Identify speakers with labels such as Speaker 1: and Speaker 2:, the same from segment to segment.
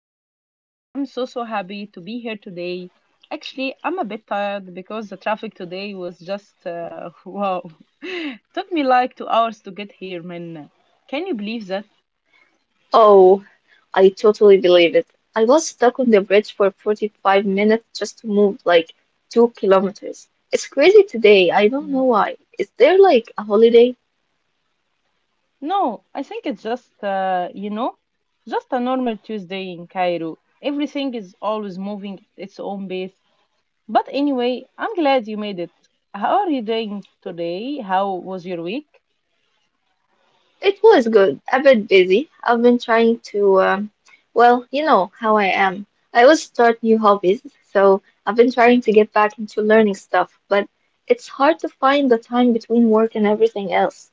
Speaker 1: podcast. I'm so happy to be here today. Actually, I'm a bit tired because the traffic today was just wow. Took me like 2 hours to get here, man. Can you believe that?
Speaker 2: Oh, I totally believe it. I was stuck on the bridge for 45 minutes just to move like 2 kilometers. It's crazy today. I don't
Speaker 1: Yeah.
Speaker 2: know why. Is there like a holiday?
Speaker 1: No, I think it's just just a normal Tuesday in Cairo. Everything is always moving at its own pace. But anyway, I'm glad you made it. How are you doing today? How was your week?
Speaker 2: It was good, a bit busy. I've been trying to, well, you know how I am. I always start new hobbies, so I've been trying to get back into learning stuff, but it's hard to find the time between work and everything else.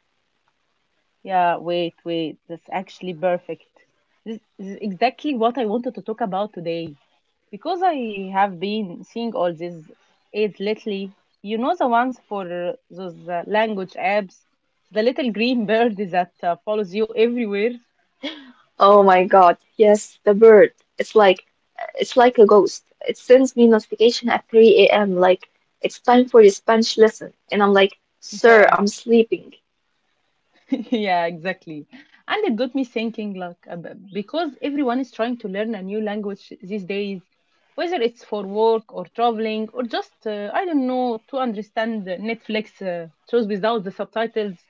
Speaker 1: Yeah, wait. That's actually perfect. This is exactly what I wanted to talk about today. Because I have been seeing all these ads lately. You know the ones for those language apps? The little green bird that follows you everywhere?
Speaker 2: Oh my God, yes, the bird. It's like a ghost. It sends me notification at 3 a.m. like it's time for your Spanish lesson, and I'm like, "Sir,
Speaker 1: Yeah.
Speaker 2: I'm sleeping."
Speaker 1: Yeah, exactly. And it got me thinking, like, because everyone is trying to learn a new language these days, whether it's for work or traveling or just, I don't know, to understand Netflix shows without the subtitles.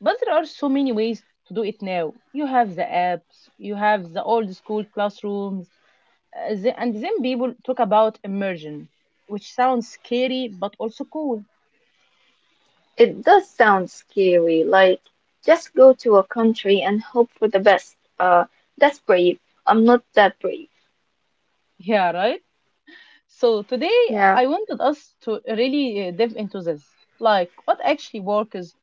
Speaker 1: But there are so many ways to do it now. You have the apps, you have the old school classrooms, and then people talk about immersion, which sounds scary but also cool.
Speaker 2: It does sound scary, like just go to a country and hope for the best. That's brave. I'm not that brave.
Speaker 1: Yeah, right? So today
Speaker 2: Yeah.
Speaker 1: I wanted us to really dive into this. Like, what actually works?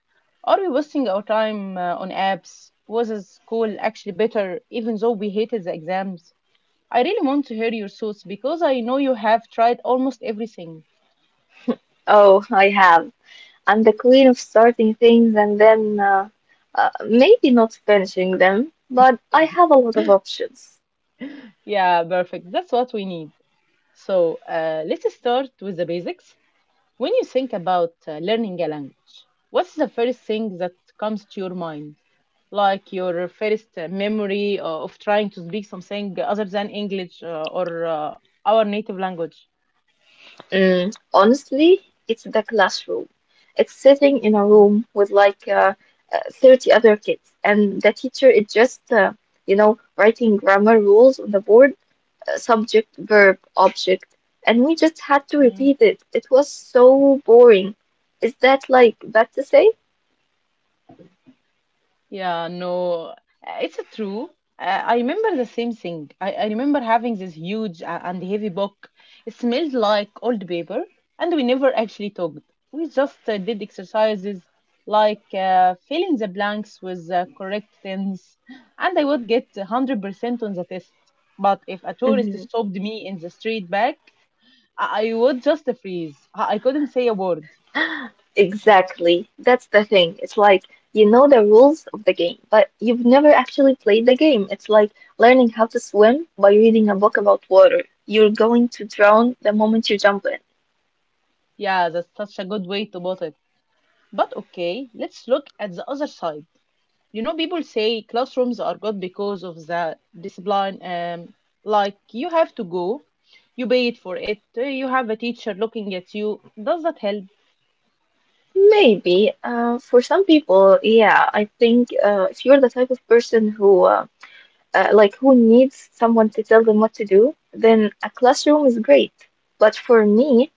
Speaker 1: Are we wasting our time on apps? Was this school actually better, even though we hated the exams? I really want to hear your thoughts because I know you have tried almost everything.
Speaker 2: Oh, I have. I'm the queen of starting things and then maybe not finishing them, but I have a lot of options.
Speaker 1: Yeah, perfect. That's what we need. So let's start with the basics. When you think about learning a language, what's the first thing that comes to your mind? Like your first memory of trying to speak something other than English or our native language?
Speaker 2: Mm, honestly, it's the classroom. It's sitting in a
Speaker 1: Mm,
Speaker 2: room with like 30 other kids, and the teacher is just, you know, writing grammar rules on the board, subject, verb, object, and we just had to
Speaker 1: yeah.
Speaker 2: repeat it. It was so boring. Is that like bad to say?
Speaker 1: Yeah, no, it's a true. I remember the same thing. I remember having this huge and heavy book. It smelled like old paper, and we never actually talked. We just did exercises like fill in the blanks with the correct tense, and I would get 100% on the test. But if a tourist stopped me in the street back, I would just freeze. I couldn't say a word.
Speaker 2: Exactly. That's the thing. It's like you know the rules of the game, but you've never actually played the game. It's like learning how to swim by reading a book about water. You're going to drown the moment you jump in.
Speaker 1: Yeah, that's such a good way to put it. But okay, let's look at the other side. You know, people say classrooms are good because of the discipline, um, like you have to go, you pay it for it, you have a teacher looking at you. Does that help?
Speaker 2: Maybe. For some people, yeah, I think if you're the type of person who like who needs someone to tell them what to do, then a classroom is great. But for me,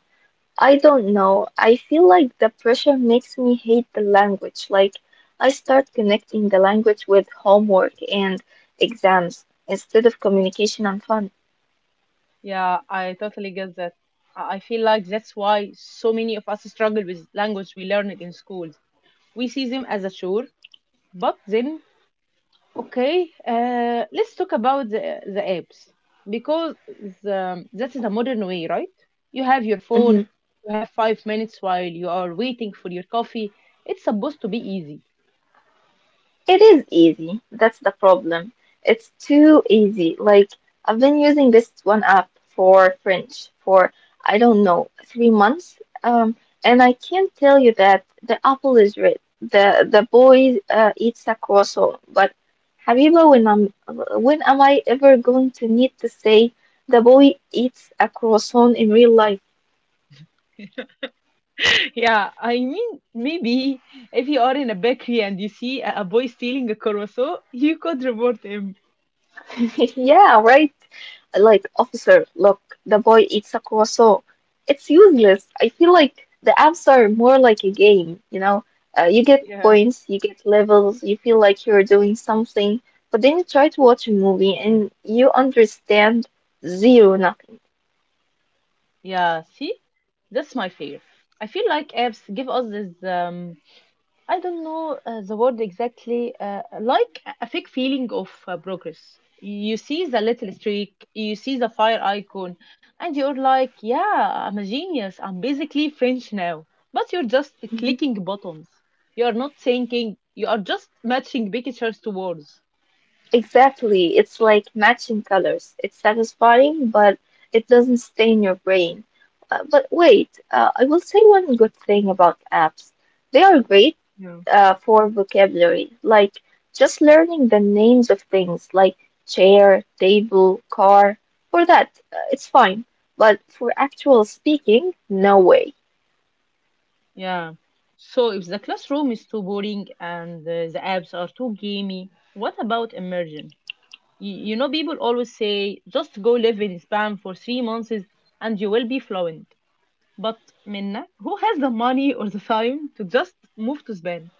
Speaker 2: I don't know. I feel like the pressure makes me hate the language. Like, I start connecting the language with homework and exams instead of communication and fun.
Speaker 1: Yeah, I totally get that. I feel like that's why so many of us struggle with language we learn in schools. We see them as a chore, but then, okay, let's talk about the apps because that is the modern way, right? You have your phone, you have 5 minutes while you are waiting for your coffee. It's supposed to be easy.
Speaker 2: It is easy. That's the problem. It's too easy. Like, I've been using this one app for French for, I don't know, 3 months. And I can tell you that the apple is red. The boy eats a croissant. But Habiba, when am I ever going to need to say the boy eats a croissant in real life?
Speaker 1: Yeah, I mean, maybe if you are in a bakery and you see a boy stealing a croissant, you could report him.
Speaker 2: Yeah, right. Like, officer, look, the boy eats a croissant. It's useless. I feel like the apps are more like a game, you know? You get
Speaker 1: Yeah.
Speaker 2: points, you get levels, you feel like you're doing something, but then you try to watch a movie and you understand zero nothing.
Speaker 1: Yeah, see? That's my fear. I feel like apps give us this, I don't know the word exactly, like a fake feeling of progress. You see the little streak, you see the fire icon, and you're like, yeah, I'm a genius. I'm basically French now. But you're just
Speaker 2: Mhm.
Speaker 1: clicking buttons. You're not thinking, you are just matching pictures to words.
Speaker 2: Exactly. It's like matching colors. It's satisfying, but it doesn't stay in your brain. But wait, I will say one good thing about apps. They are great
Speaker 1: Yeah.
Speaker 2: for vocabulary, like just learning the names of things like chair, table, car. For that, it's fine. But for actual speaking, no way.
Speaker 1: Yeah. So if the classroom is too boring and the apps are too gamey, what about immersion? You know, people always say just go live in Spain for 3 months and you will be fluent. But Minna, who has the money or the time to just move to Spain?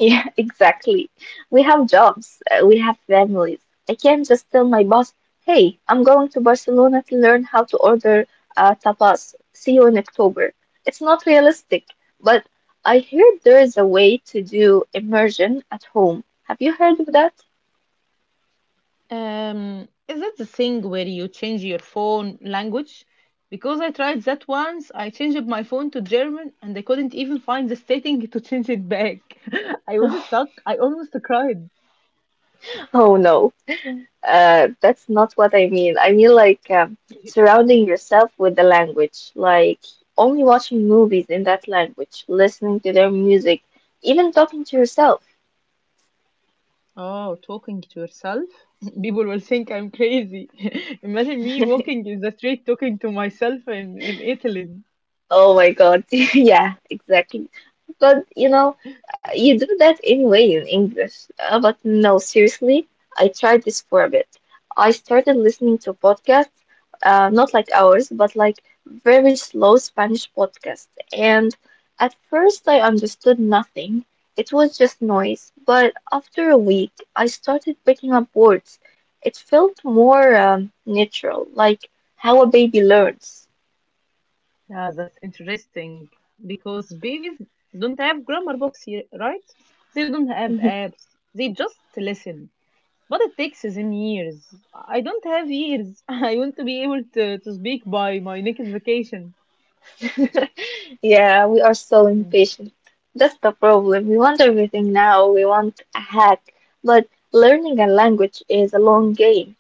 Speaker 2: Yeah, exactly. We have jobs, we have families. I can't just tell my boss, hey, I'm going to Barcelona to learn how to order tapas. See you in October. It's not realistic, but I heard there is a way to do immersion at home. Have you heard of that?
Speaker 1: Is it the thing where you change your phone language? Because I tried that once, I changed my phone to German and I couldn't even find the setting to change it back. I was stuck. I almost cried.
Speaker 2: Oh no, that's not what I mean. I mean like surrounding yourself with the language, like only watching movies in that language, listening to their music, even talking to yourself.
Speaker 1: Oh, talking to yourself? People will think I'm crazy. Imagine me walking in the street talking to myself in Italy.
Speaker 2: Oh my God. Yeah, exactly. But you know, you do that anyway in English. But no, seriously, I tried this for a bit. I started listening to podcasts, not like ours, but like very slow Spanish podcasts. And at first, I understood nothing. It was just noise. But after a week, I started picking up words. It felt more natural, like how a baby learns.
Speaker 1: Yeah, that's interesting because babies don't have grammar books here, right? They don't have apps. They just listen. But it takes them years. I don't have years. I want to be able to speak by my next vacation.
Speaker 2: Yeah, we are so
Speaker 1: Mm.
Speaker 2: impatient. That's the problem. We want everything now. We want a hack. But learning a language is a long game.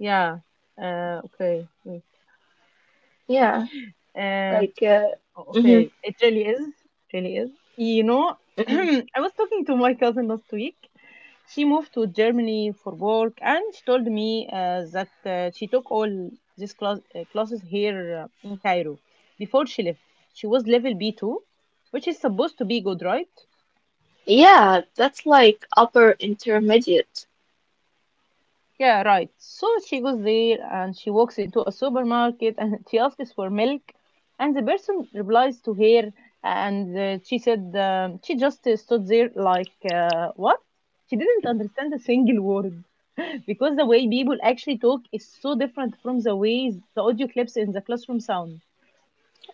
Speaker 1: Yeah. Okay. Wait.
Speaker 2: Yeah,
Speaker 1: Um,
Speaker 2: like, uh,
Speaker 1: Oh,
Speaker 2: hmm
Speaker 1: okay. It really is. It really is. You know,
Speaker 2: hmm
Speaker 1: I was talking to my cousin last week. She moved to Germany for work, and she told me that she took all these classes here in Cairo before she left. She was level B2, which is supposed to be good, right?
Speaker 2: Yeah, that's like upper intermediate.
Speaker 1: Yeah, right. So she goes there and she walks into a supermarket and she asks for milk. And the person replies to her and she said, she just stood there like, what? She didn't understand a single word because the way people actually talk is so different from the ways the audio clips in the classroom sound.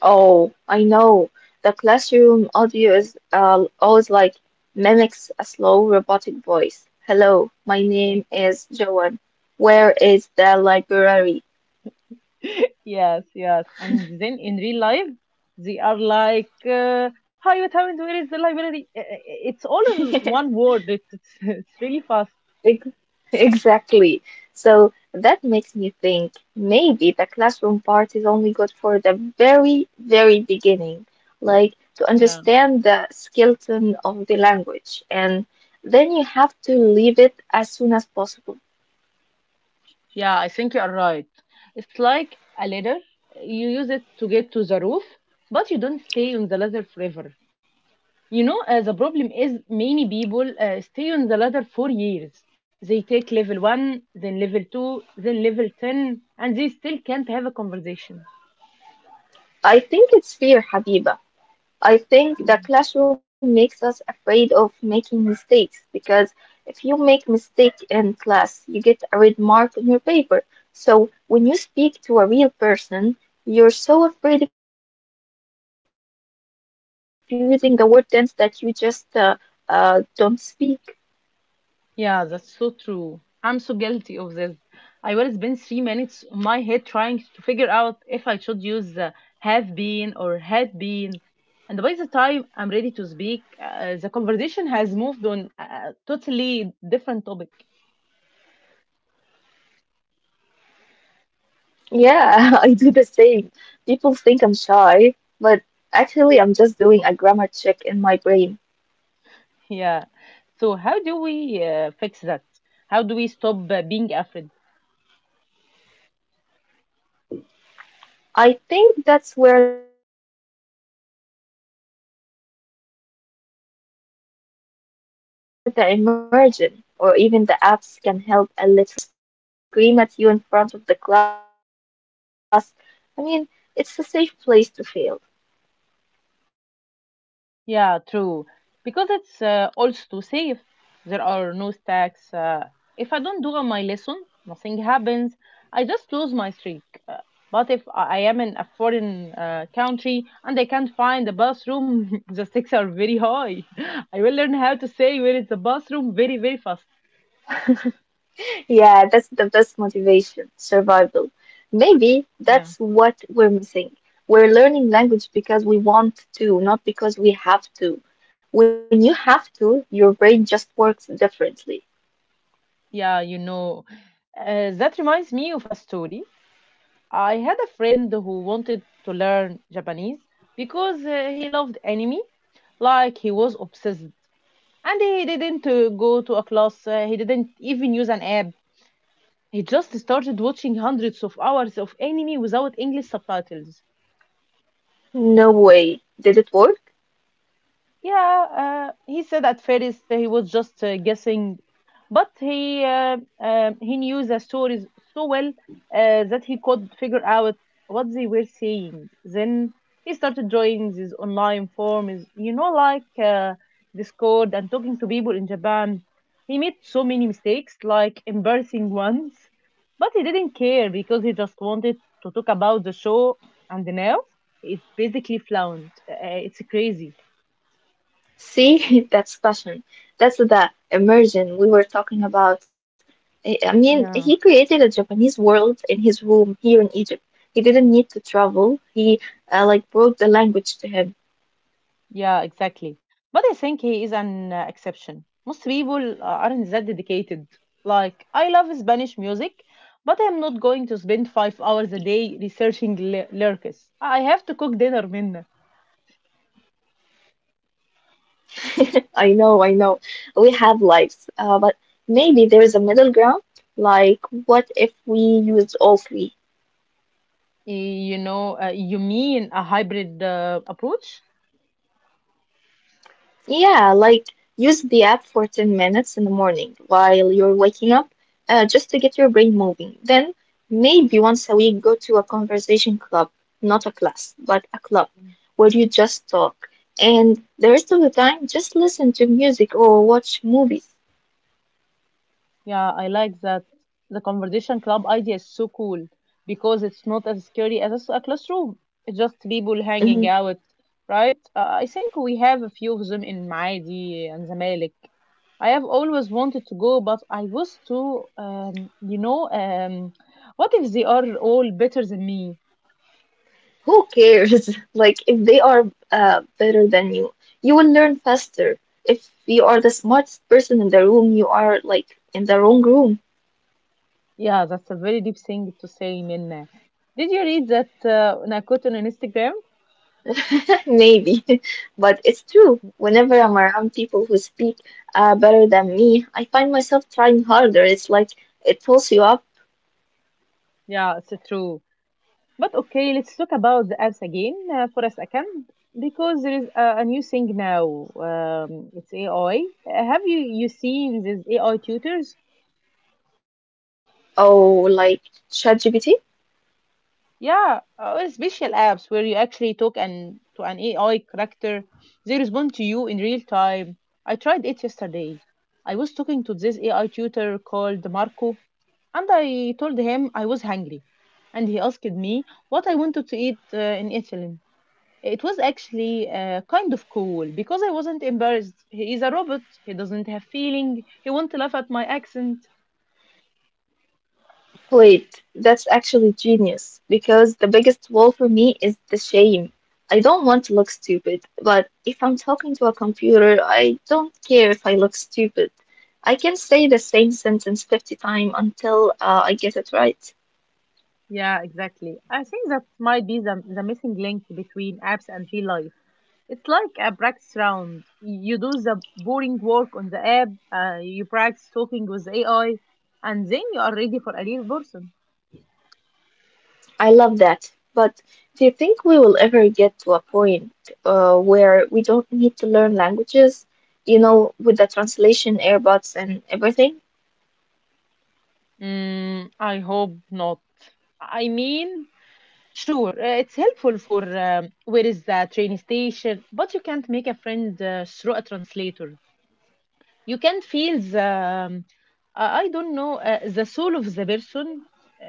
Speaker 2: Oh, I know. The classroom audio is always like mimics a slow robotic voice. Hello, my name is Joan. Where is the library?
Speaker 1: Yes, yes. And then in real life, they are like, hi, what happened? Where is the library? It's all in one word. It's really fast.
Speaker 2: Ex- Exactly. So that makes me think maybe the classroom part is only good for the very, very beginning, like to
Speaker 1: Yeah.
Speaker 2: understand the skeleton of the language, and then you have to leave it as soon as possible.
Speaker 1: Yeah, I think you are right. It's like a ladder. You use it to get to the roof, but you don't stay on the ladder forever. You know, the problem is many people stay on the ladder for years. They take level one, then level two, then level 10, and they still can't have a conversation.
Speaker 2: I think it's fair, Habiba. I think the classroom makes us afraid of making mistakes because if you make mistake in class, you get a red mark on your paper. So when you speak to a real person, you're so afraid of using the word tense that you just don't speak.
Speaker 1: Yeah, that's so true. I'm so guilty of this. I will spend 3 minutes on my head trying to figure out if I should use the have been or had been. And by the time I'm ready to speak, the conversation has moved on a totally different topic.
Speaker 2: Yeah, I do the same. People think I'm shy, but actually I'm just doing a grammar check in my brain.
Speaker 1: Yeah. So, how do we fix that? How do we stop being afraid?
Speaker 2: I think that's where the emergent or even the apps can help a little bit because the app doesn't judge you. If you get it wrong, the little bird just looks sad, but he doesn't scream at you in front of the class. I mean, it's a safe place to fail.
Speaker 1: Yeah, true. Because it's also too safe. There are no stacks. If I don't do my lesson, nothing happens. I just lose my streak. But if I am in a foreign country and I can't find a bathroom, the stakes are very high. I will learn how to say where is the bathroom very, very fast.
Speaker 2: Yeah, that's the best motivation, survival. Maybe
Speaker 1: Yeah.
Speaker 2: that's what we're missing. We're learning language because we want to, not because we have to. When you have to, your brain just works differently.
Speaker 1: Yeah, you know. That reminds me of a story. I had a friend who wanted to learn Japanese because he loved anime, like he was obsessed. And he didn't go to a class, he didn't even use an app. He just started watching hundreds of hours of anime without English subtitles.
Speaker 2: No way. Did it work?
Speaker 1: Yeah, he said at first he was just guessing, but he knew the stories so well that he could figure out what they were saying. Then he started joining these online forums, you know, like Discord, and talking to people in Japan. He made so many mistakes, like embarrassing ones, but he didn't care because he just wanted to talk about the show. And now it's basically fluent. It's crazy.
Speaker 2: See, that's passion. That's the immersion we were talking about. I mean, he
Speaker 1: Yeah.
Speaker 2: created a Japanese world in his room here in Egypt. He didn't need to travel. He like brought the language to him.
Speaker 1: Yeah, exactly. But I think he is an exception. Most people aren't that dedicated. Like, I love Spanish music, but I'm not going to spend 5 hours a day researching lyrics. I have to cook dinner, Minna.
Speaker 2: I know, I know. We have lives, but maybe there is a middle ground. Like, what if we use all three?
Speaker 1: Eh, you know, you mean a hybrid approach?
Speaker 2: Yeah, like use the app for 10 minutes in the morning while you're waking up, just to get your brain moving. Then maybe once a week go to a conversation club, not a class, but a club where you just talk. And the rest of the time, just listen to music or watch movies.
Speaker 1: Yeah, I like that. The conversation club idea is so cool because it's not as scary as a classroom. It's just people
Speaker 2: Mhm.
Speaker 1: hanging out, right? I think we have a few of them in Maidi and Zamalek. I have always wanted to go, but I was um, you know, um, what if they are all better than me?
Speaker 2: Who cares? Like, if they are better than you, you will learn faster. If you are the smartest person in the room, you are like in the wrong room.
Speaker 1: Yeah, that's a very deep thing to say, Minna. Did you read that Nakoto on Instagram?
Speaker 2: Maybe, but it's true. Whenever I'm around people who speak better than me, I find myself trying harder. It's like it pulls you up.
Speaker 1: Yeah, it's true. But okay, let's talk about the apps again for a second because there is a new thing now. It's AI. Have you seen these AI tutors?
Speaker 2: Oh, like ChatGPT?
Speaker 1: Yeah, or special apps where you actually talk and to an AI character, they respond to you in real time. I tried it yesterday. I was talking to this AI tutor called Marco, and I told him I was hungry, and he asked me what I wanted to eat in Italy. It was actually kind of cool because I wasn't embarrassed. He is a robot. He doesn't have feeling. He won't laugh at my accent.
Speaker 2: Wait, that's actually genius because the biggest wall for me is the shame. I don't want to look stupid, but if I'm talking to a computer, I don't care if I look stupid. I can say the same sentence 50 times until I get it right.
Speaker 1: Yeah, exactly. I think that might be the missing link between apps and real life. It's like a practice round. You do the boring work on the app, you practice talking with the AI, and then you are ready for a real person.
Speaker 2: I love that. But do you think we will ever get to a point where we don't need to learn languages, you know, with the translation, AirBots, and everything?
Speaker 1: Mm, I hope not. I mean, Sure, it's helpful for where is the train station, but you can't make a friend through a translator. You can't feel the, I don't know, the soul of the person.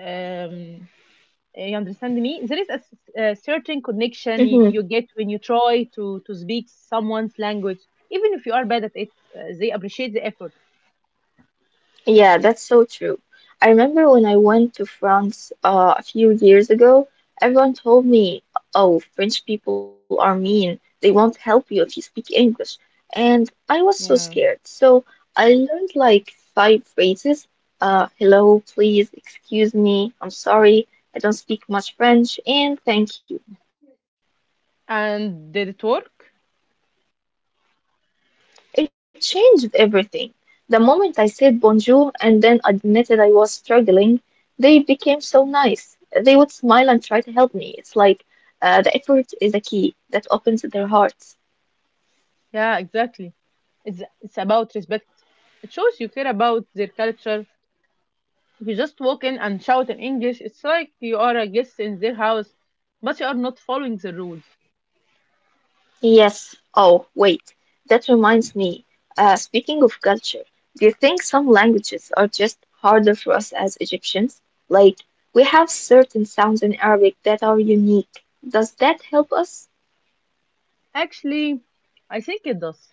Speaker 1: Um, you understand me? There is a, a certain connection you get when you try to speak someone's language, even if you are bad at it. They appreciate the effort.
Speaker 2: Yeah, that's so true. I remember when I went to France a few years ago, everyone told me, oh, French people are mean. They won't help you if you speak English. And I was so
Speaker 1: Yeah.
Speaker 2: scared. So I learned like 5 phrases. Hello, please, excuse me, I'm sorry, I don't speak much French, and thank you.
Speaker 1: And did it work?
Speaker 2: It changed everything. The moment I said bonjour and then admitted I was struggling, they became so nice. They would smile and try to help me. It's like the effort is a key that opens their hearts.
Speaker 1: Yeah, exactly. It's about respect. It shows you care about their culture. If you just walk in and shout in English, it's like you are a guest in their house, but you are not following the rules.
Speaker 2: Yes, oh, wait, that reminds me. Speaking of culture, do you think some languages are just harder for us as Egyptians? Like, we have certain sounds in Arabic that are unique. Does that help us?
Speaker 1: Actually, I think it does.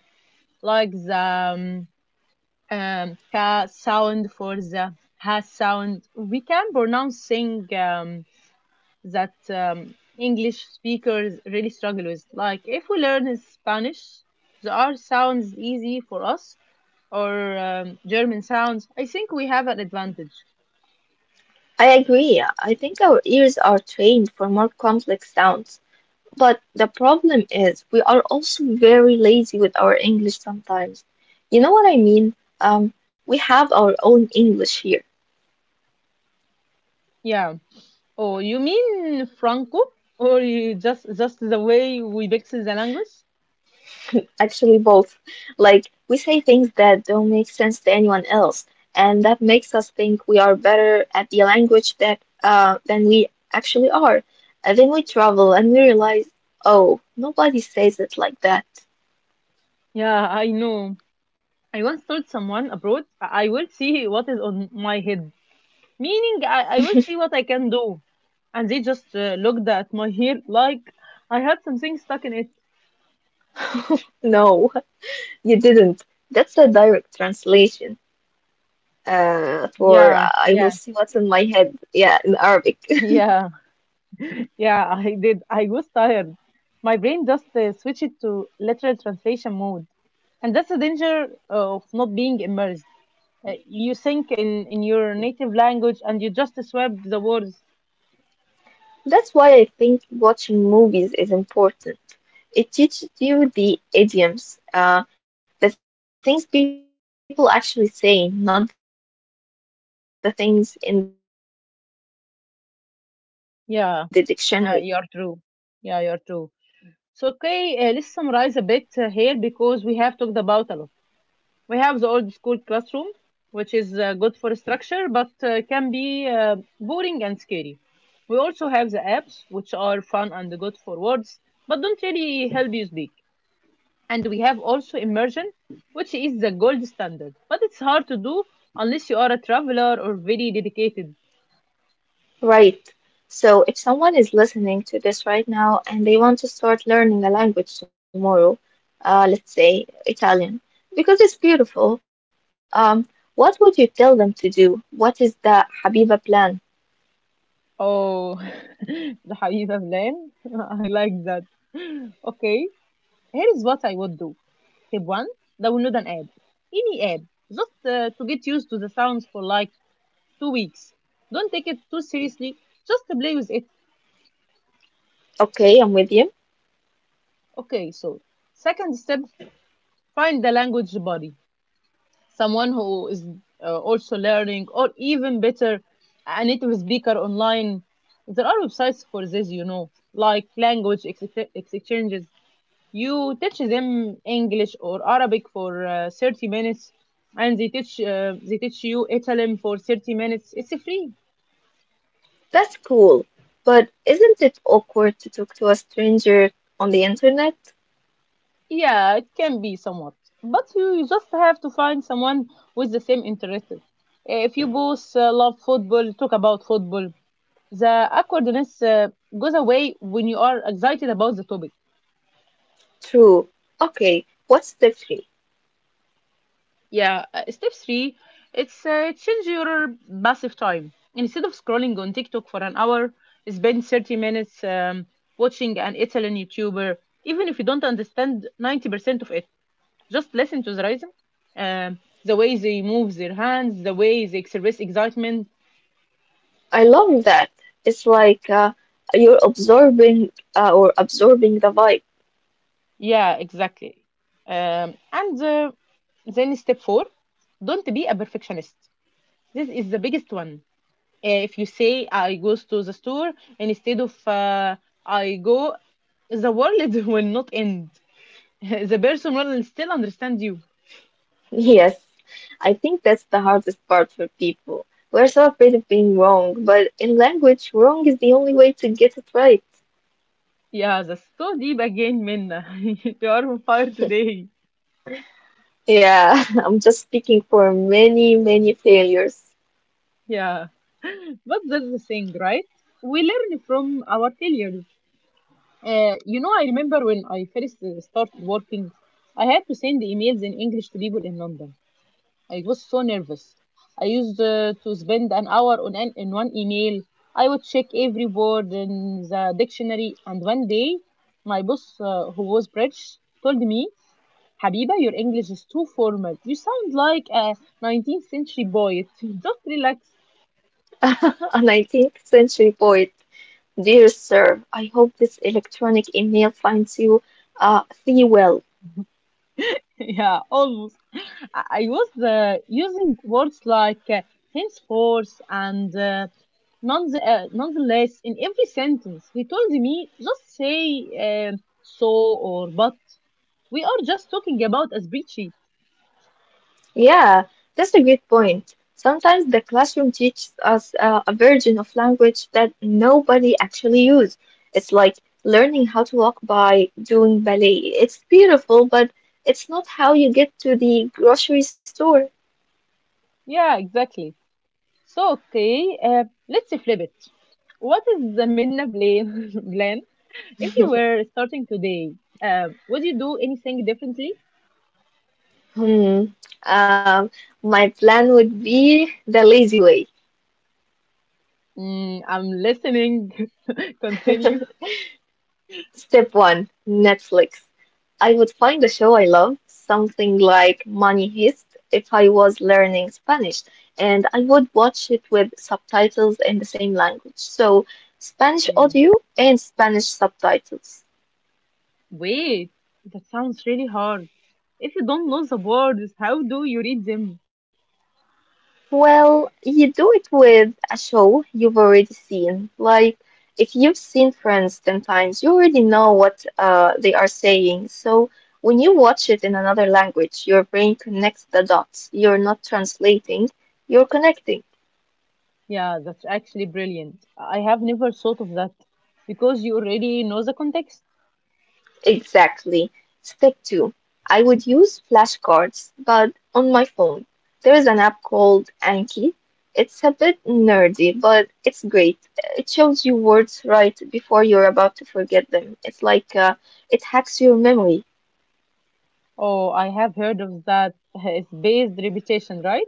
Speaker 1: Like the ka sound for the ha sound, we can pronounce things that English speakers really struggle with. Like if we learn Spanish, the R sounds easy for us, or German sounds. I think we have an advantage.
Speaker 2: I agree. I think our ears are trained for more complex sounds. But the problem is, we are also very lazy with our English sometimes. You know what I mean? We have our own English here.
Speaker 1: Yeah. Oh, you mean Franco? Or you just the way we mix the language?
Speaker 2: Actually, both. Like, we say things that don't make sense to anyone else, and that makes us think we are better at the language that than we actually are. And then we travel and we realize, oh, nobody says it like that.
Speaker 1: Yeah, I know. I once told someone abroad, I will see what is on my head, meaning I will see what I can do. And they just looked at my hair like I had something stuck in it.
Speaker 2: No. You didn't. That's a direct translation. For
Speaker 1: Yeah,
Speaker 2: I will
Speaker 1: yeah,
Speaker 2: see what's in my head. Yeah, in Arabic.
Speaker 1: yeah, yeah, I did. I was tired. My brain just switched to literal translation mode. And that's the danger of not being immersed. You think in your native language and you just swap the words
Speaker 2: That's why I think watching movies is important. It teaches you the idioms, the things people actually say, not the things in the dictionary.
Speaker 1: yeah you are true. Yeah, you are true. So okay, let's summarize a bit here because we have talked about a lot. We have the old school classroom, which is good for structure but can be boring and scary. We also have the apps, which are fun and good for words but don't really help you speak. And we have also immersion, which is the gold standard, but it's hard to do unless you are a traveler or very dedicated.
Speaker 2: Right. So, if someone is listening to this right now and they want to start learning a language tomorrow, let's say Italian, because it's beautiful, um, what would you tell them to do? What is the Habiba plan?
Speaker 1: Oh, the حبيبة فلان. I like that. Okay, here is what I would do. Step one, download an app, any app, just to get used to the sounds for like two weeks. Don't take it too seriously, just to play with it.
Speaker 2: Okay, I'm with you.
Speaker 1: Okay, so second step, find the language body, someone who is also learning, or even better, a native speaker online. There are websites for this, you know, like exchanges. You teach them English or Arabic for 30 minutes, and they teach you Italian for 30 minutes. It's free.
Speaker 2: That's cool. But isn't it awkward to talk to a stranger on the internet?
Speaker 1: Yeah, it can be somewhat, but you just have to find someone with the same interest. If you both love football, talk about football. The awkwardness goes away when you are excited about the topic.
Speaker 2: True. Okay, what's the three?
Speaker 1: Yeah. Step three, it's change your passive time. Instead of scrolling on TikTok for an hour, spend 30 minutes watching an Italian YouTuber. Even if you don't understand 90% of it, just listen to the rhythm, um, the way they move their hands, the way they express excitement.
Speaker 2: I love that. It's like you're absorbing or absorbing the vibe.
Speaker 1: Yeah, exactly. And Then step four, don't be a perfectionist. This is the biggest one. If you say I goes to the store instead of I go, the world will not end. The person will still understand you.
Speaker 2: Yes, I think that's the hardest part for people. We're so afraid of being wrong, but in language, wrong is the only way to get it right.
Speaker 1: Yeah, that's so deep again, Minna. You are on fire today.
Speaker 2: Yeah, I'm just speaking for many, many failures.
Speaker 1: Yeah, but that's the thing, right? We learn from our failures. You know, I remember when I first started working, I had to send emails in English to people in London. I was so nervous. I used to spend an hour on in one email. I would check every word in the dictionary. And one day, my boss, who was British, told me, Habiba, your English is too formal. You sound like a 19th century poet. Just relax.
Speaker 2: A 19th century poet. Dear sir, I hope this electronic email finds you thee well.
Speaker 1: Yeah, almost. I was using words like henceforth and none, nonetheless in every sentence. He told me just say um, so or but. We are just talking about a spreadsheet.
Speaker 2: Yeah, that's a great point. Sometimes the classroom teaches us a version of language that nobody actually uses. It's like learning how to walk by doing ballet. It's beautiful, but it's not how you get to the grocery store.
Speaker 1: Yeah, exactly. So, okay, let's flip it. What is the Minna plan? Plan? If you were starting today, would you do anything differently?
Speaker 2: Hmm. Um, my plan would be the lazy way.
Speaker 1: Mm, I'm listening. Continue.
Speaker 2: Step one, Netflix. I would find a show I love, something like Money Heist if I was learning Spanish, and I would watch it with subtitles in the same language. So, Spanish audio and Spanish subtitles.
Speaker 1: Wait, that sounds really hard. If you don't know the words, how do you read them?
Speaker 2: Well, you do it with a show you've already seen. Like, if you've seen Friends 10 times, you already know what they are saying. So, when you watch it in another language, your brain connects the dots. You're not translating, you're connecting.
Speaker 1: Yeah, that's actually brilliant. I have never thought of that because you already know the context.
Speaker 2: Exactly. Step two, I would use flashcards, but on my phone. There is an app called Anki. It's a bit nerdy, but it's great. It shows you words right before you're about to forget them. It's like it hacks your memory.
Speaker 1: Oh, I have heard of that. It's based reputation, right?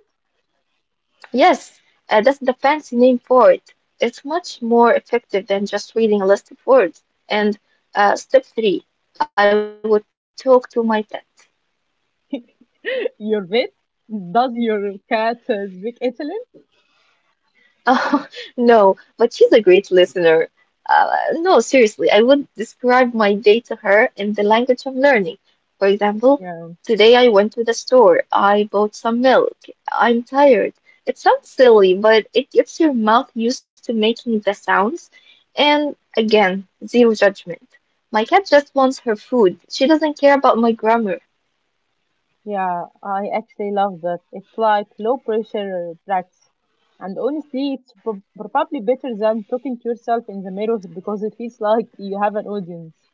Speaker 2: Yes, that's the fancy name for it. It's much more effective than just reading a list of words. And step three, I would talk to my pet.
Speaker 1: Your vet? Does your cat speak Italian?
Speaker 2: Oh, no, but she's a great listener. No, seriously, I would describe my day to her in the language of learning. For example,
Speaker 1: Yeah.
Speaker 2: today I went to the store, I bought some milk, I'm tired. It sounds silly, but it gets your mouth used to making the sounds. And again, zero judgment. My cat just wants her food. She doesn't care about my grammar.
Speaker 1: Yeah, I actually love that. It's like low pressure practice. And honestly, probably better than talking to yourself in the mirror because it feels like you have an audience.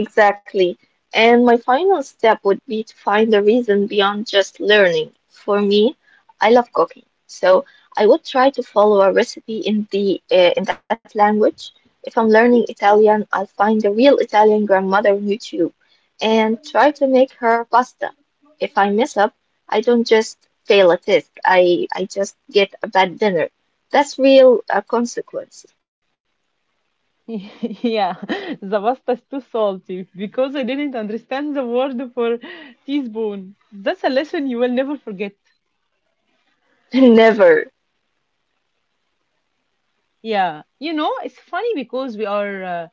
Speaker 2: Exactly. And my final step would be to find a reason beyond just learning. For me, I love cooking. So I would try to follow a recipe in the in that language. If I'm learning Italian, I'll find a real Italian grandmother on YouTube and try to make her pasta. If I mess up, I don't just fail a test. I just get a bad dinner. That's real consequence.
Speaker 1: Yeah, the pasta is too salty because I didn't understand the word for teaspoon. That's a lesson you will never forget.
Speaker 2: Never.
Speaker 1: Yeah, you know, it's funny because we are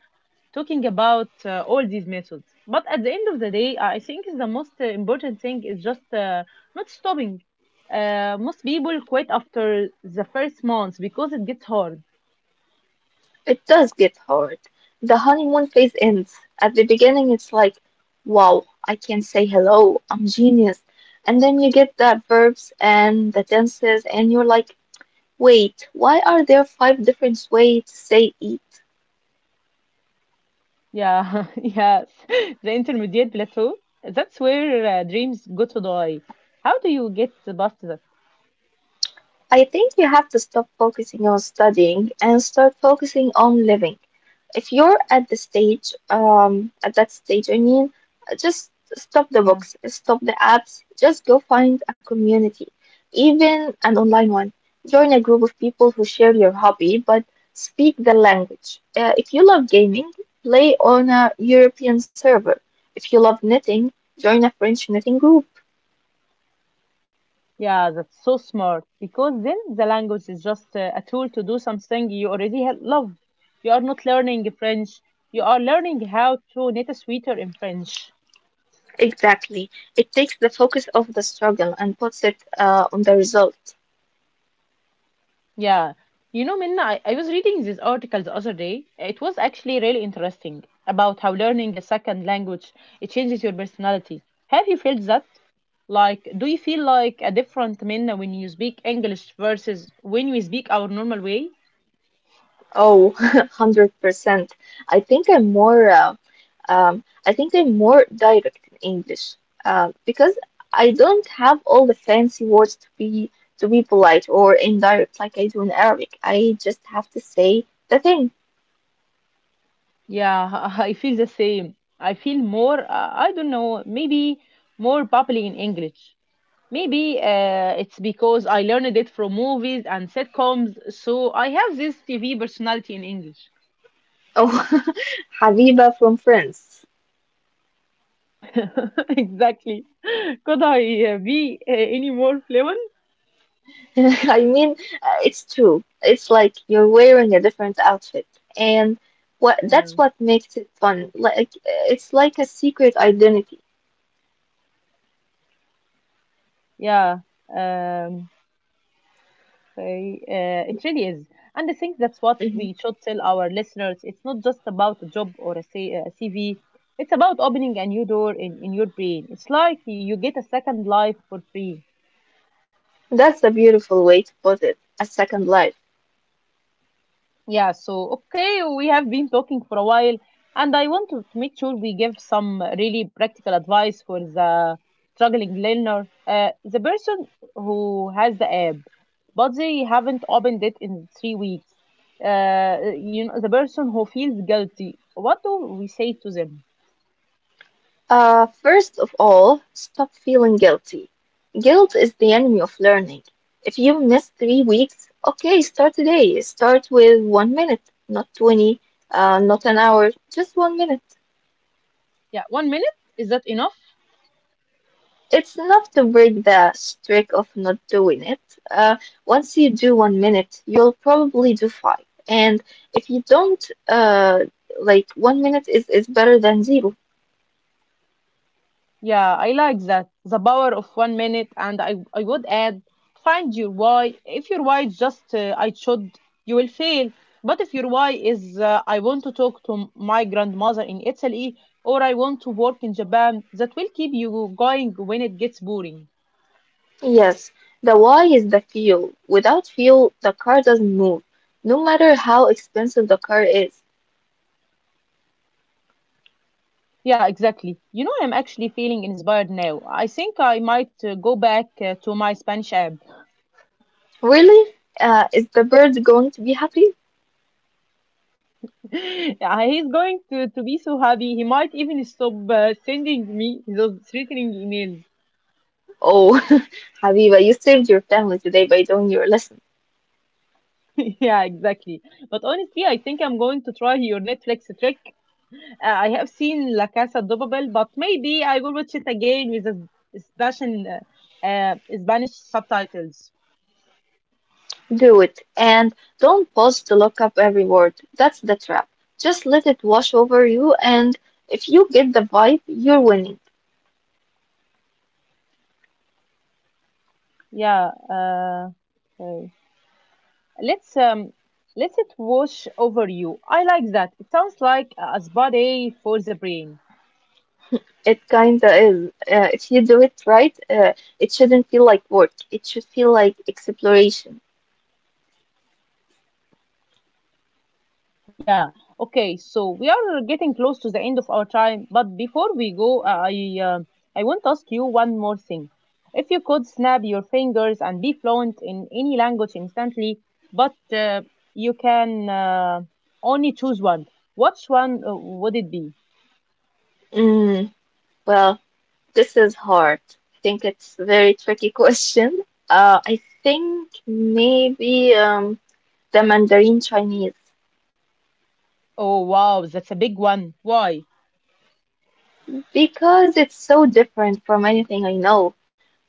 Speaker 1: talking about all these methods. But at the end of the day, I think the most important thing is just not stopping. Most people quit after the first month because it gets hard.
Speaker 2: It does get hard. The honeymoon phase ends. At the beginning, it's like, wow, I can say hello, I'm genius. And then you get the verbs and the tenses, and you're like, wait, why are there five different ways to say eat?
Speaker 1: Yeah, yes, the intermediate plateau. That's where dreams go to die. How do you get past that?
Speaker 2: I think you have to stop focusing on studying and start focusing on living. If you're at the stage, at that stage, I mean, just stop the books, stop the apps, just go find a community, even an online one. Join a group of people who share your hobby but speak the language. If you love gaming, play on a European server. If you love knitting, join a French knitting group.
Speaker 1: Yeah, that's so smart because then the language is just a tool to do something you already love. You are not learning French, you are learning how to knit a sweater in French.
Speaker 2: Exactly. It takes the focus off the struggle and puts it on the result.
Speaker 1: Yeah. You know, Minna, I was reading this article the other day. It was actually really interesting about how learning a second language, it changes your personality. Have you felt that? Like, do you feel like a different Minna when you speak English versus when you speak our normal way?
Speaker 2: Oh, 100%. I think I'm more uh, I think I'm more direct in English because I don't have all the fancy words to be polite or indirect like I do in Arabic. I just have to say the thing.
Speaker 1: Yeah, I feel the same. I feel more, I don't know, maybe more bubbly in English. Maybe it's because I learned it from movies and sitcoms, so I have this TV personality in English.
Speaker 2: Oh, Habiba from France.
Speaker 1: Exactly. Could I be any more fluent?
Speaker 2: I mean, it's true. It's like you're wearing a different outfit, and what
Speaker 1: Yeah.
Speaker 2: that's what makes it fun. Like it's like a secret identity.
Speaker 1: Yeah. Um, Okay, it really is. And I think that's what we
Speaker 2: Mhm.
Speaker 1: should tell our listeners. It's not just about a job or a, a CV, it's about opening a new door in your brain. It's like you get a second life for free.
Speaker 2: That's a beautiful way to put it. A second life.
Speaker 1: Yeah, so okay, we have been talking for a while, and I want to make sure we give some really practical advice for the struggling learner, the person who has the app, but they haven't opened it in 3 weeks. You know, the person who feels guilty. What do we say to them?
Speaker 2: First of all, stop feeling guilty. Guilt is the enemy of learning. If you miss 3 weeks, okay, start today. Start with 1 minute, not 20, not an hour, just 1 minute.
Speaker 1: Yeah, 1 minute is that enough?
Speaker 2: It's enough to break the streak of not doing it. Uh, once you do 1 minute, you'll probably do five. And if you don't, uh, like 1 minute is better than zero.
Speaker 1: Yeah, I like that. The power of 1 minute. And I would add, find your why. If your why is just I should, you will fail. But if your why is I want to talk to my grandmother in Italy or I want to work in Japan, that will keep you going when it gets boring.
Speaker 2: Yes, the why is the fuel. Without fuel, the car doesn't move, no matter how expensive the car is.
Speaker 1: Yeah, exactly. You know, I'm actually feeling inspired now. I think I might go back to my Spanish app.
Speaker 2: Really? Is the bird going to be happy?
Speaker 1: Yeah, he's going to be so happy. He might even stop sending me those threatening emails.
Speaker 2: Oh, Habiba, you saved your family today by doing your lesson.
Speaker 1: Yeah, exactly. But honestly, I think I'm going to try your Netflix trick. I have seen La Casa de Papel, but maybe I will watch it again with a Spanish, Spanish subtitles.
Speaker 2: Do it and don't pause to look up every word. That's the trap. Just let it wash over you, and if you get the vibe, you're winning.
Speaker 1: Yeah. Okay. Let's let it wash over you. I like that. It sounds like a spa day for the brain.
Speaker 2: It kinda is. If you do it right, it shouldn't feel like work. It should feel like exploration.
Speaker 1: Yeah. Okay. So we are getting close to the end of our time, but before we go, I want to ask you one more thing. If you could snap your fingers and be fluent in any language instantly, but you can only choose one, which one would it be?
Speaker 2: Mm, well, this is hard. I think it's a very tricky question. I think maybe the Mandarin Chinese.
Speaker 1: Oh wow, that's a big one. Why?
Speaker 2: Because it's so different from anything I know.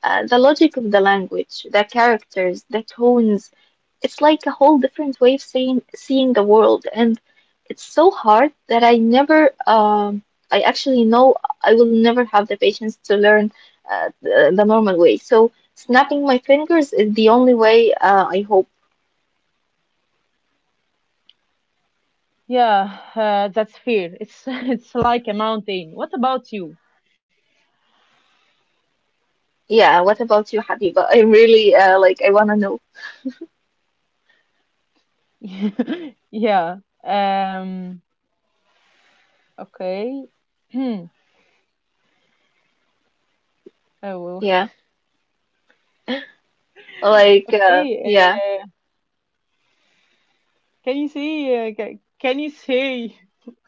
Speaker 2: The logic of the language, the characters, the tones, it's like a whole different way of seeing the world. And it's so hard that I never, I actually know I will never have the patience to learn the normal way. So snapping my fingers is the only way, I hope.
Speaker 1: Yeah, that's fear. It's It's like a mountain. What about you?
Speaker 2: Yeah, what about you, Habiba? I'm really, like, I wanna know.
Speaker 1: Yeah. Um. Okay. Hmm.
Speaker 2: Yeah,
Speaker 1: Hey,
Speaker 2: yeah.
Speaker 1: can you say, can you say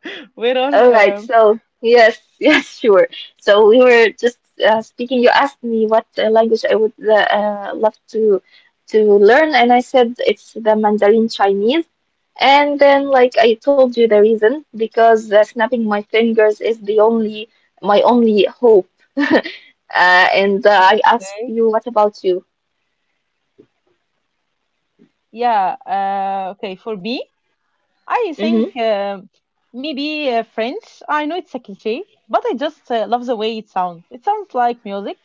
Speaker 1: where
Speaker 2: All right,
Speaker 1: are, um,
Speaker 2: so yes, yes, sure. So we were just speaking. You asked me what language I would love to learn, and I said it's the Mandarin Chinese. And then, like I told you, the reason because snapping my fingers is the only my only hope. uh, and I asked
Speaker 1: okay,
Speaker 2: you, what about you?
Speaker 1: yeah, okay, for me, I think
Speaker 2: Hmm.
Speaker 1: maybe French. I know it's a cliche, but I just love the way it sounds. It sounds like music,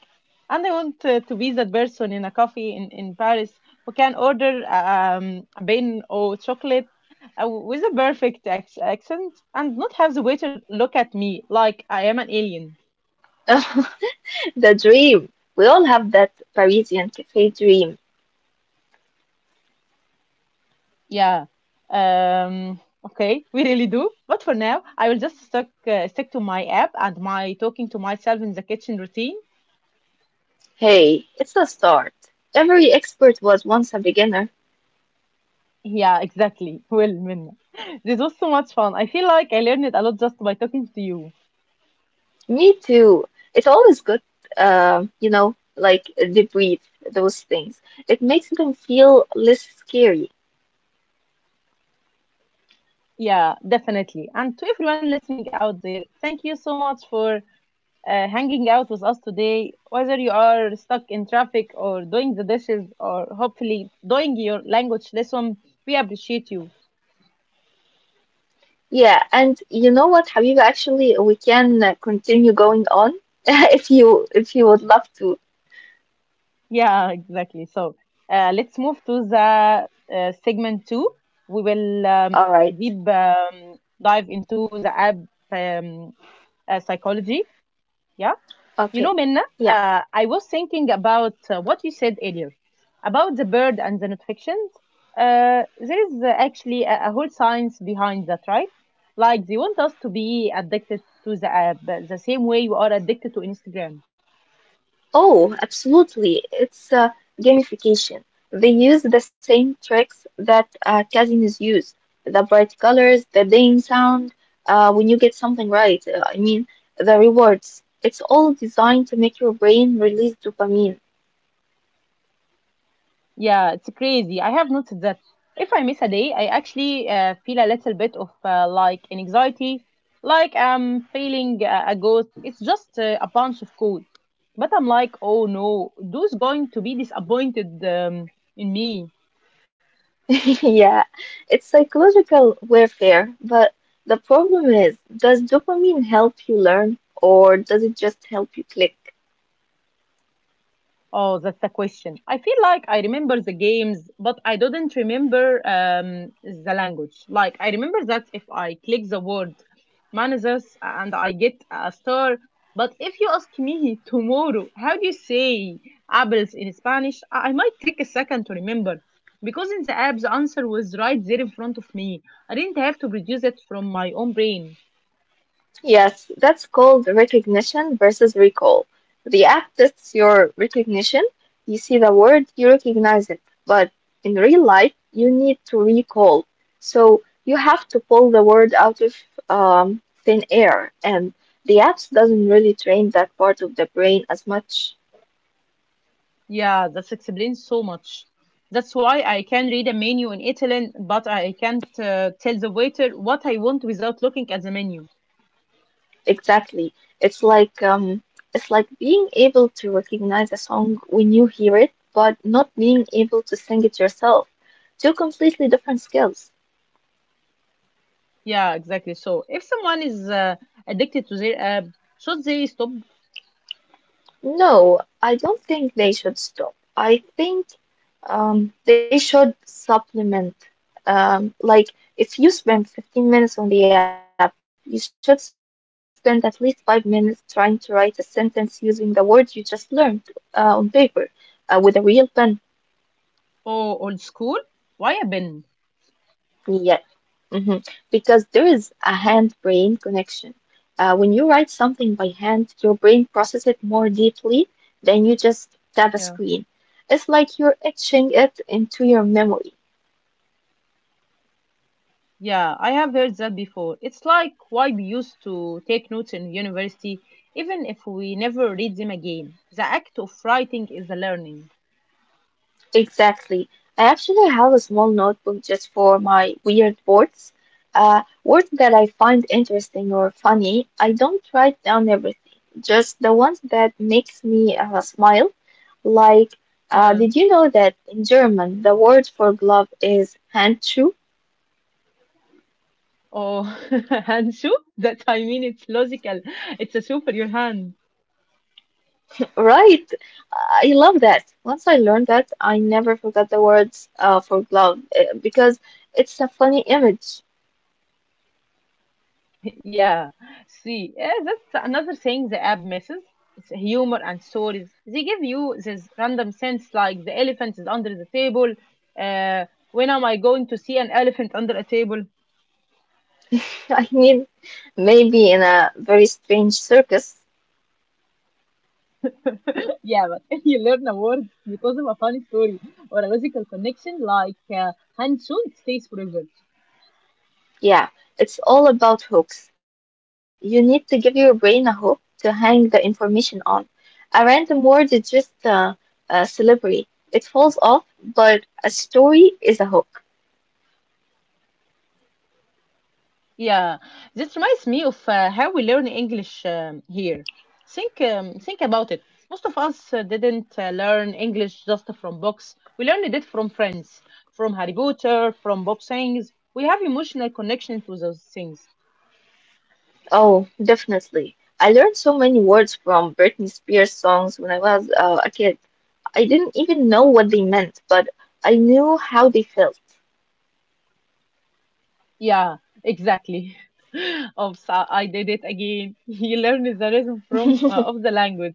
Speaker 1: and I want to be that person in a coffee in Paris who can order a bean or chocolate with a perfect ac accent and not have the waiter look at me like I am an alien.
Speaker 2: The dream. We all have that Parisian cafe dream.
Speaker 1: Yeah. Okay, we really do. But for now, I will just stick to my app and my talking to myself in the kitchen routine.
Speaker 2: Hey, it's the start. Every expert was once a beginner.
Speaker 1: Yeah, exactly. Well, Minna, this was so much fun. I feel like I learned a lot just by talking to you.
Speaker 2: Me too. It's always good, you know, like debrief those things. It makes them feel less scary.
Speaker 1: Yeah, definitely. And to everyone listening out there, thank you so much for hanging out with us today. Whether you are stuck in traffic or doing the dishes or hopefully doing your language lesson, we appreciate you.
Speaker 2: Yeah, and you know what, Habiba? Actually, we can continue going on if you would love to.
Speaker 1: Yeah, exactly. So let's move to the segment two. We will
Speaker 2: All right.
Speaker 1: deep dive into the app um, psychology. Yeah. You know,
Speaker 2: Okay.
Speaker 1: Minna,
Speaker 2: Yeah.
Speaker 1: I was thinking about what you said earlier about the bird and the notifications. There is actually a whole science behind that, right? Like they want us to be addicted to the app the same way you are addicted to Instagram.
Speaker 2: Oh, absolutely. It's gamification. They use the same tricks that casinos use. The bright colors, the ding sound, when you get something right, I mean, the rewards. It's all designed to make your brain release dopamine.
Speaker 1: Yeah, it's crazy. I have noticed that if I miss a day, I actually feel a little bit of like an anxiety, like I'm feeling a ghost. It's just a bunch of code. But I'm like, oh no, those going to be disappointed in me.
Speaker 2: Yeah, it's psychological warfare, but the problem is, does dopamine help you learn, or does it just help you click?
Speaker 1: Oh, that's a question. I feel like I remember the games, but I didn't remember the language. Like, I remember that if I click the word managers and I get a star. But if you ask me tomorrow, how do you say apples in Spanish? I might take a second to remember. Because in the app, the answer was right there in front of me. I didn't have to produce it from my own brain.
Speaker 2: Yes, that's called recognition versus recall. The app tests your recognition. You see the word, you recognize it. But in real life, you need to recall. So you have to pull the word out of thin air. And the apps doesn't really train that part of the brain as much.
Speaker 1: Yeah, that explains so much. That's why I can read a menu in Italian, but I can't tell the waiter what I want without looking at the menu.
Speaker 2: Exactly. It's like um, it's like being able to recognize a song when you hear it, but not being able to sing it yourself. Two completely different skills.
Speaker 1: Yeah, exactly. So if someone is addicted to their app, should they stop?
Speaker 2: No, I don't think they should stop. I think they should supplement. Like, if you spend 15 minutes on the app, you should spend at least 5 minutes trying to write a sentence using the words you just learned on paper with a real pen.
Speaker 1: Oh, old school? Why a bin?
Speaker 2: Yeah. Hmm. Because there is a hand-brain connection. When you write something by hand, your brain processes it more deeply than you just tap a
Speaker 1: Yeah.
Speaker 2: screen. It's like you're etching it into your memory.
Speaker 1: Yeah, I have heard that before. It's like why we used to take notes in university, even if we never read them again. The act of writing is a learning.
Speaker 2: Exactly. I actually have a small notebook just for my weird words. Words that I find interesting or funny. I don't write down everything, just the ones that makes me smile. Like,
Speaker 1: Yeah,
Speaker 2: did you know that in German the word for glove is Handschuh?
Speaker 1: oh, hand Hanshu, that I mean, it's logical. It's a shoe for your hand.
Speaker 2: Right. I love that. Once I learned that, I never forgot the words for glove because it's a funny image.
Speaker 1: Yeah, see, yeah, that's another thing the app misses. It's humor and stories. They give you this random sense like the elephant is under the table. Uh, when am I going to see an elephant under a table?
Speaker 2: I mean, maybe in a very strange circus.
Speaker 1: Yeah, but if you learn a word because of a funny story or a logical connection like Hanshu, it stays forever.
Speaker 2: Yeah, it's all about hooks. You need to give your brain a hook to hang the information on. A random word is just a celebrity. It falls off, but a story is a hook.
Speaker 1: Yeah, this reminds me of how we learn English here. Think about it. Most of us didn't learn English just from books. We learned it from friends, from Harry Potter, from Bob Sayings. We have emotional connection to those things.
Speaker 2: Oh, definitely. I learned so many words from Britney Spears songs when I was a kid. I didn't even know what they meant, but I knew how they felt.
Speaker 1: Yeah, exactly. Oops, I did it again. You learn the rhythm from of the language,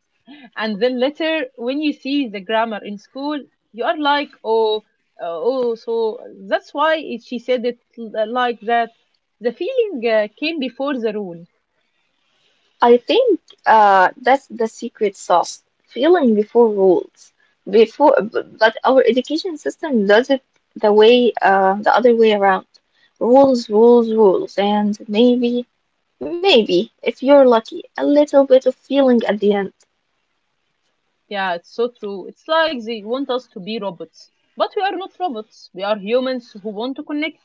Speaker 1: and then later when you see the grammar in school, you are like, oh, oh, so that's why she said it like that. The feeling came before the rule.
Speaker 2: I think that's the secret sauce. Feeling before rules. But our education system does it the way the other way around. Rules, rules, rules, and maybe, maybe if you're lucky, a little bit of feeling at the end.
Speaker 1: Yeah, it's so true. It's like they want us to be robots, but we are not robots. We are humans who want to connect.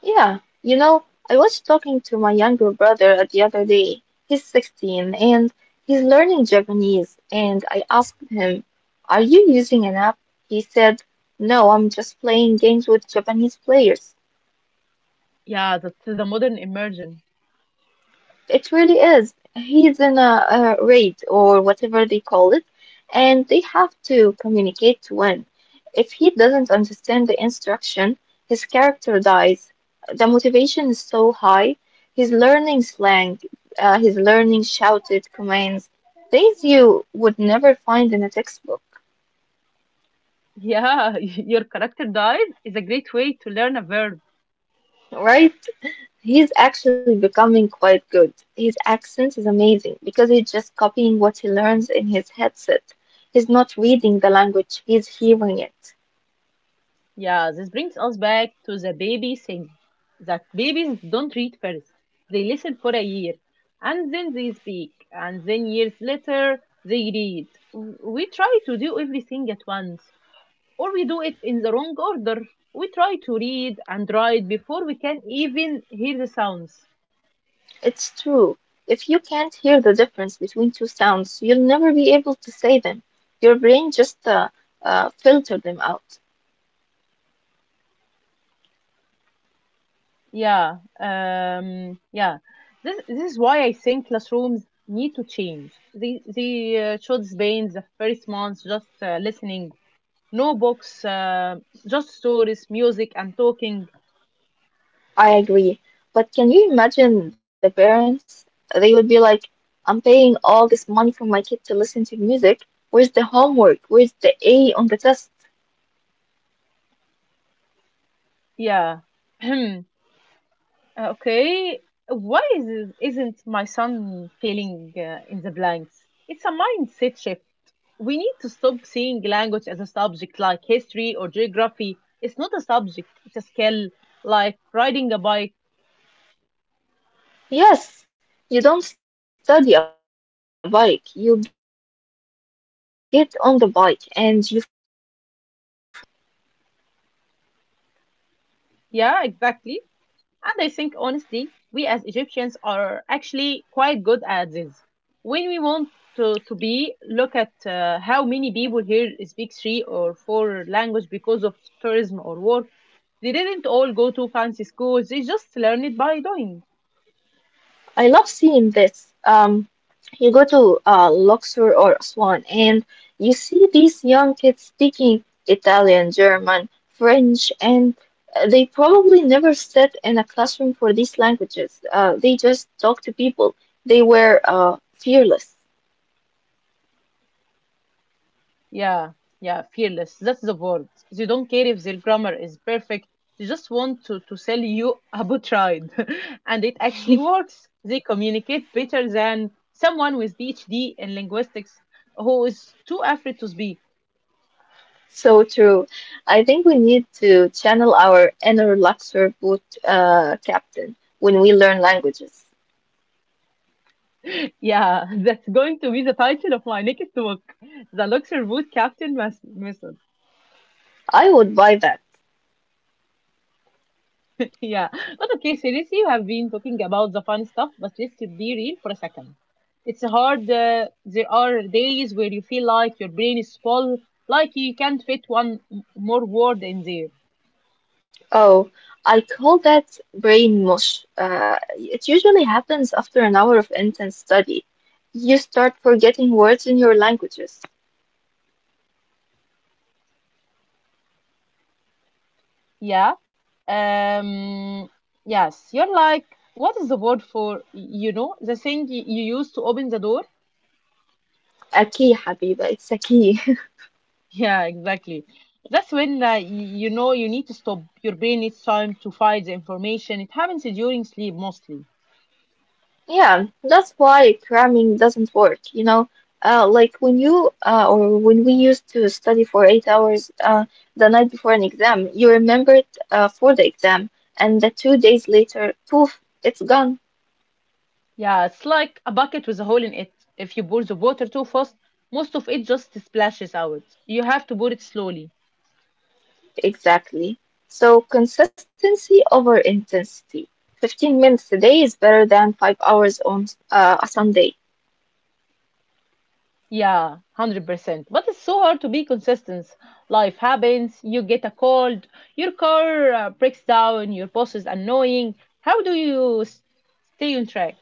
Speaker 2: Yeah, you know, I was talking to my younger brother the other day. He's 16 and he's learning Japanese. And I asked him, are you using an app? He said, no, I'm just playing games with Japanese players.
Speaker 1: Yeah, that's the modern immersion.
Speaker 2: It really is. He's in a raid or whatever they call it, and they have to communicate to win. If he doesn't understand the instruction, his character dies. The motivation is so high. He's learning slang, he's learning shouted commands, things you would never find in a textbook,
Speaker 1: Yeah, your character dies is a great way to learn a verb.
Speaker 2: right? He's actually becoming quite good. His accent is amazing because he's just copying what he learns in his headset. He's not reading the language, he's hearing it.
Speaker 1: Yeah, this brings us back to the baby thing that babies don't read first. They listen for a year and then they speak, and then years later they read. We try to do everything at once, or we do it in the wrong order. We try to read and write before we can even hear the sounds.
Speaker 2: It's true. If you can't hear the difference between two sounds, you'll never be able to say them. Your brain just filter them out.
Speaker 1: Yeah, yeah. This is why I think classrooms need to change. They should spend the first months just listening, no books, just stories, music, and talking.
Speaker 2: I agree. But can you imagine the parents? They would be like, I'm paying all this money for my kid to listen to music. Where's the homework? Where's the A on the test?
Speaker 1: Yeah. Okay. Why isn't my son feeling in the blanks? It's a mindset shift. We need to stop seeing language as a subject like history or geography. It's not a subject. It's a skill like riding a bike.
Speaker 2: Yes, you don't study a bike. You get on the bike and you fall off and you get on again.
Speaker 1: Yeah, exactly. And I think honestly, we as Egyptians are actually quite good at this. When we want to look at how many people here speak three or four language because of tourism or work. They didn't all go to fancy schools. They just learned it by doing.
Speaker 2: I love seeing this. You go to Luxor or Aswan and you see these young kids speaking Italian, German, French, and they probably never sat in a classroom for these languages. They just talk to people. They were fearless.
Speaker 1: Yeah, yeah, fearless. That's the word. They don't care if their grammar is perfect. They just want to sell you a boat ride. And it actually works. They communicate better than someone with PhD in linguistics who is too afraid to speak.
Speaker 2: So true. I think we need to channel our inner Luxor boot captain when we learn languages.
Speaker 1: Yeah, that's going to be the title of my next book, the Luxor Boot Captain Method.
Speaker 2: I would buy that.
Speaker 1: Yeah. But okay, seriously, you have been talking about the fun stuff, but let's be real for a second. It's hard. There are days where you feel like your brain is full, like you can't fit more word in there.
Speaker 2: Oh, I call that brain mush. It usually happens after an hour of intense study. You start forgetting words in your languages.
Speaker 1: Yeah. Um. Yes. You're like, what is the word for, you know, the thing you use to open the door?
Speaker 2: A key, Habiba, it's a key.
Speaker 1: Yeah, exactly. That's when you know you need to stop. Your brain needs time to find the information. It happens during sleep mostly.
Speaker 2: Yeah, that's why cramming doesn't work, you know. Like when you or when we used to study for 8 hours the night before an exam, you remember it for the exam, and the two days later, poof, it's gone.
Speaker 1: Yeah, it's like a bucket with a hole in it. If you pour the water too fast, most of it just splashes out. You have to pour it slowly.
Speaker 2: Exactly. So consistency over intensity. 15 minutes a day is better than 5 hours on a Sunday.
Speaker 1: Yeah, 100%. But it's so hard to be consistent. Life happens, you get a cold, your car breaks down, your boss is annoying. How do you stay on track?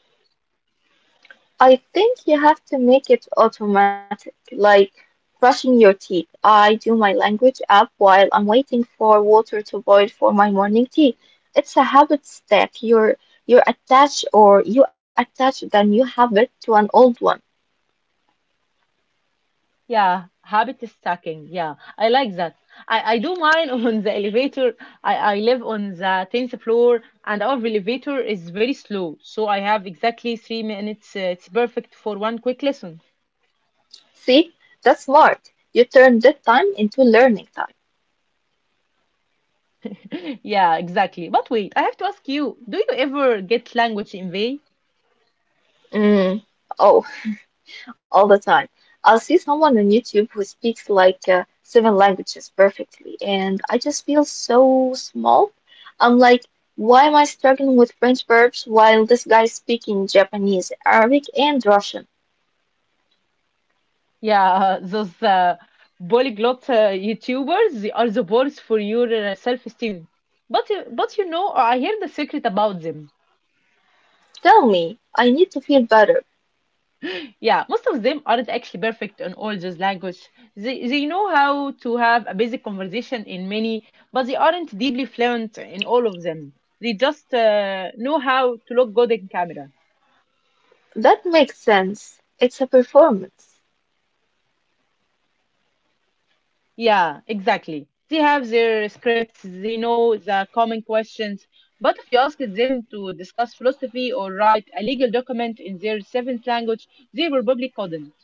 Speaker 2: I think you have to make it automatic, like brushing your teeth. I do my language app while I'm waiting for water to boil for my morning tea. It's a habit step. You're attached, or you attach the new habit to an old one.
Speaker 1: Yeah, habit is stacking. Yeah, I like that. I do mine on the elevator. I live on the 10th floor, and our elevator is very slow. So I have exactly 3 minutes. It's perfect for one quick lesson.
Speaker 2: See? That's smart. You turn dead time into learning time.
Speaker 1: Yeah, exactly. But wait, I have to ask you, do you ever get language envy?
Speaker 2: Mm. Oh, all the time. I'll see someone on YouTube who speaks like seven languages perfectly, and I just feel so small. I'm like, why am I struggling with French verbs while this guy is speaking Japanese, Arabic, and Russian?
Speaker 1: Yeah, those polyglot YouTubers they are the balls for your self-esteem. But you know, I hear the secret about them.
Speaker 2: Tell me, I need to feel better.
Speaker 1: Yeah, most of them aren't actually perfect on all those language. They know how to have a basic conversation in many, but they aren't deeply fluent in all of them. They just know how to look good in camera.
Speaker 2: That makes sense. It's a performance.
Speaker 1: Yeah, exactly. They have their scripts, they know the common questions, but if you ask them to discuss philosophy or write a legal document in their seventh language, they will probably couldn't.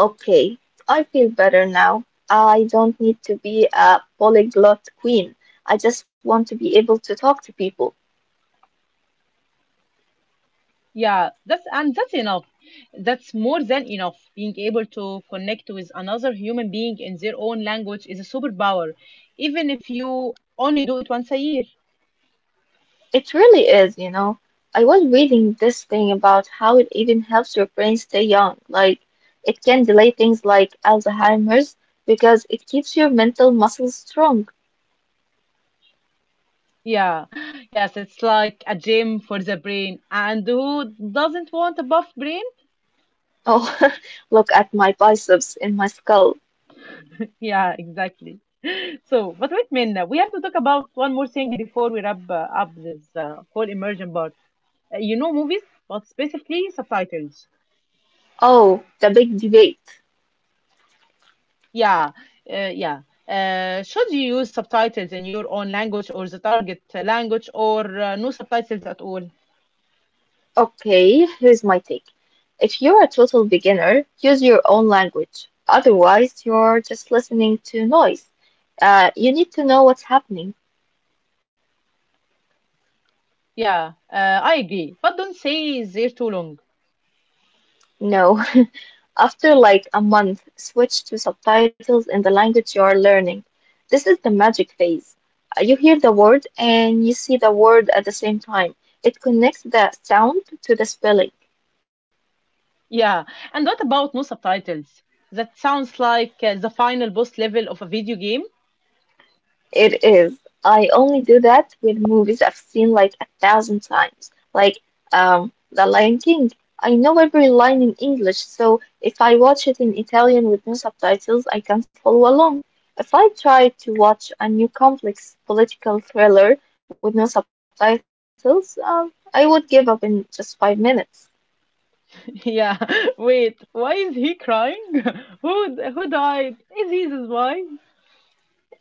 Speaker 2: Okay, I feel better now. I don't need to be a polyglot queen. I just want to be able to talk to people.
Speaker 1: Yeah, that's and that's enough. That's more than enough. Being able to connect with another human being in their own language is a superpower, even if you only do it once a year.
Speaker 2: It really is, you know. I was reading this thing about how it even helps your brain stay young. Like, it can delay things like Alzheimer's because it keeps your mental muscles strong.
Speaker 1: Yeah, yes, it's like a gym for the brain. And who doesn't want a buff brain?
Speaker 2: Oh, look at my biceps in my skull.
Speaker 1: Yeah, exactly. So, but wait, Minna, we have to talk about one more thing before we wrap up this whole immersion part. You know, movies, but specifically subtitles.
Speaker 2: Oh, the big debate.
Speaker 1: Yeah, yeah. Should you use subtitles in your own language or the target language or no subtitles at all?
Speaker 2: Okay, here's my take. If you're a total beginner, use your own language. Otherwise, you're just listening to noise. You need to know what's happening.
Speaker 1: Yeah, I agree. But don't say they're too long.
Speaker 2: No, after like a month, switch to subtitles in the language you are learning. This is the magic phase. You hear the word and you see the word at the same time. It connects the sound to the spelling.
Speaker 1: Yeah, and what about no subtitles? That sounds like the final boss level of a video game.
Speaker 2: It is. I only do that with movies I've seen like a thousand times. Like, The Lion King. I know every line in English, so if I watch it in Italian with no subtitles, I can follow along. If I try to watch a new complex political thriller with no subtitles, I would give up in just 5 minutes.
Speaker 1: Yeah, wait, why is he crying? Who who died? Is he his wife?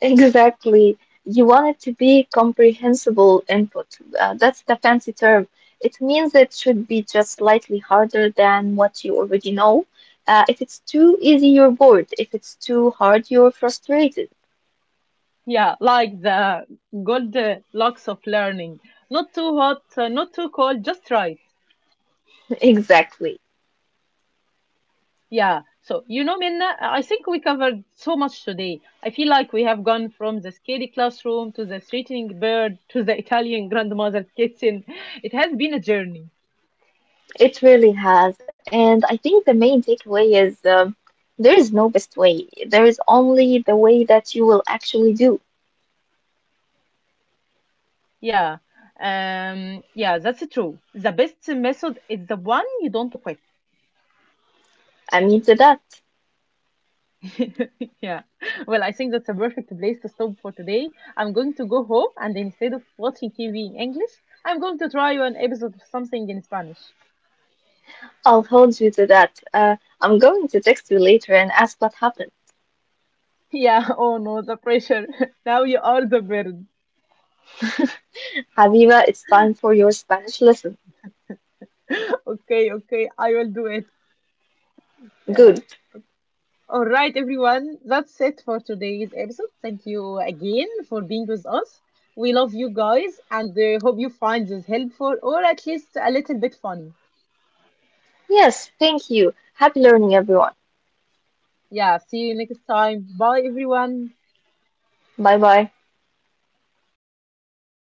Speaker 2: Exactly. You want it to be comprehensible input. That's the fancy term. It means it should be just slightly harder than what you already know. If it's too easy, you're bored. If it's too hard, you're frustrated.
Speaker 1: Yeah, like the gold locks of learning. Not too hot, not too cold, just right.
Speaker 2: Exactly.
Speaker 1: Yeah. So, you know, Minna, I think we covered so much today. I feel like we have gone from the scary classroom to the threatening bird to the Italian grandmother's kitchen. It has been a journey.
Speaker 2: It really has. And I think the main takeaway is there is no best way. There is only the way that you will actually do.
Speaker 1: Yeah. Yeah, that's true. The best method is the one you don't quit.
Speaker 2: I mean, to that.
Speaker 1: Yeah. Well, I think that's a perfect place to stop for today. I'm going to go home and instead of watching TV in English, I'm going to try an episode of something in Spanish.
Speaker 2: I'll hold you to that. I'm going to text you later and ask what happened.
Speaker 1: Yeah, oh no, the pressure. Now you are the bird.
Speaker 2: Haviva, it's time for your Spanish lesson.
Speaker 1: Okay, okay, I will do it. Yeah.
Speaker 2: Good.
Speaker 1: All right, everyone. That's it for today's episode. Thank you again for being with us. We love you guys and hope you find this helpful or at least a little bit funny.
Speaker 2: Yes, thank you. Happy learning, everyone.
Speaker 1: Yeah, see you next time. Bye, everyone.
Speaker 2: Bye bye.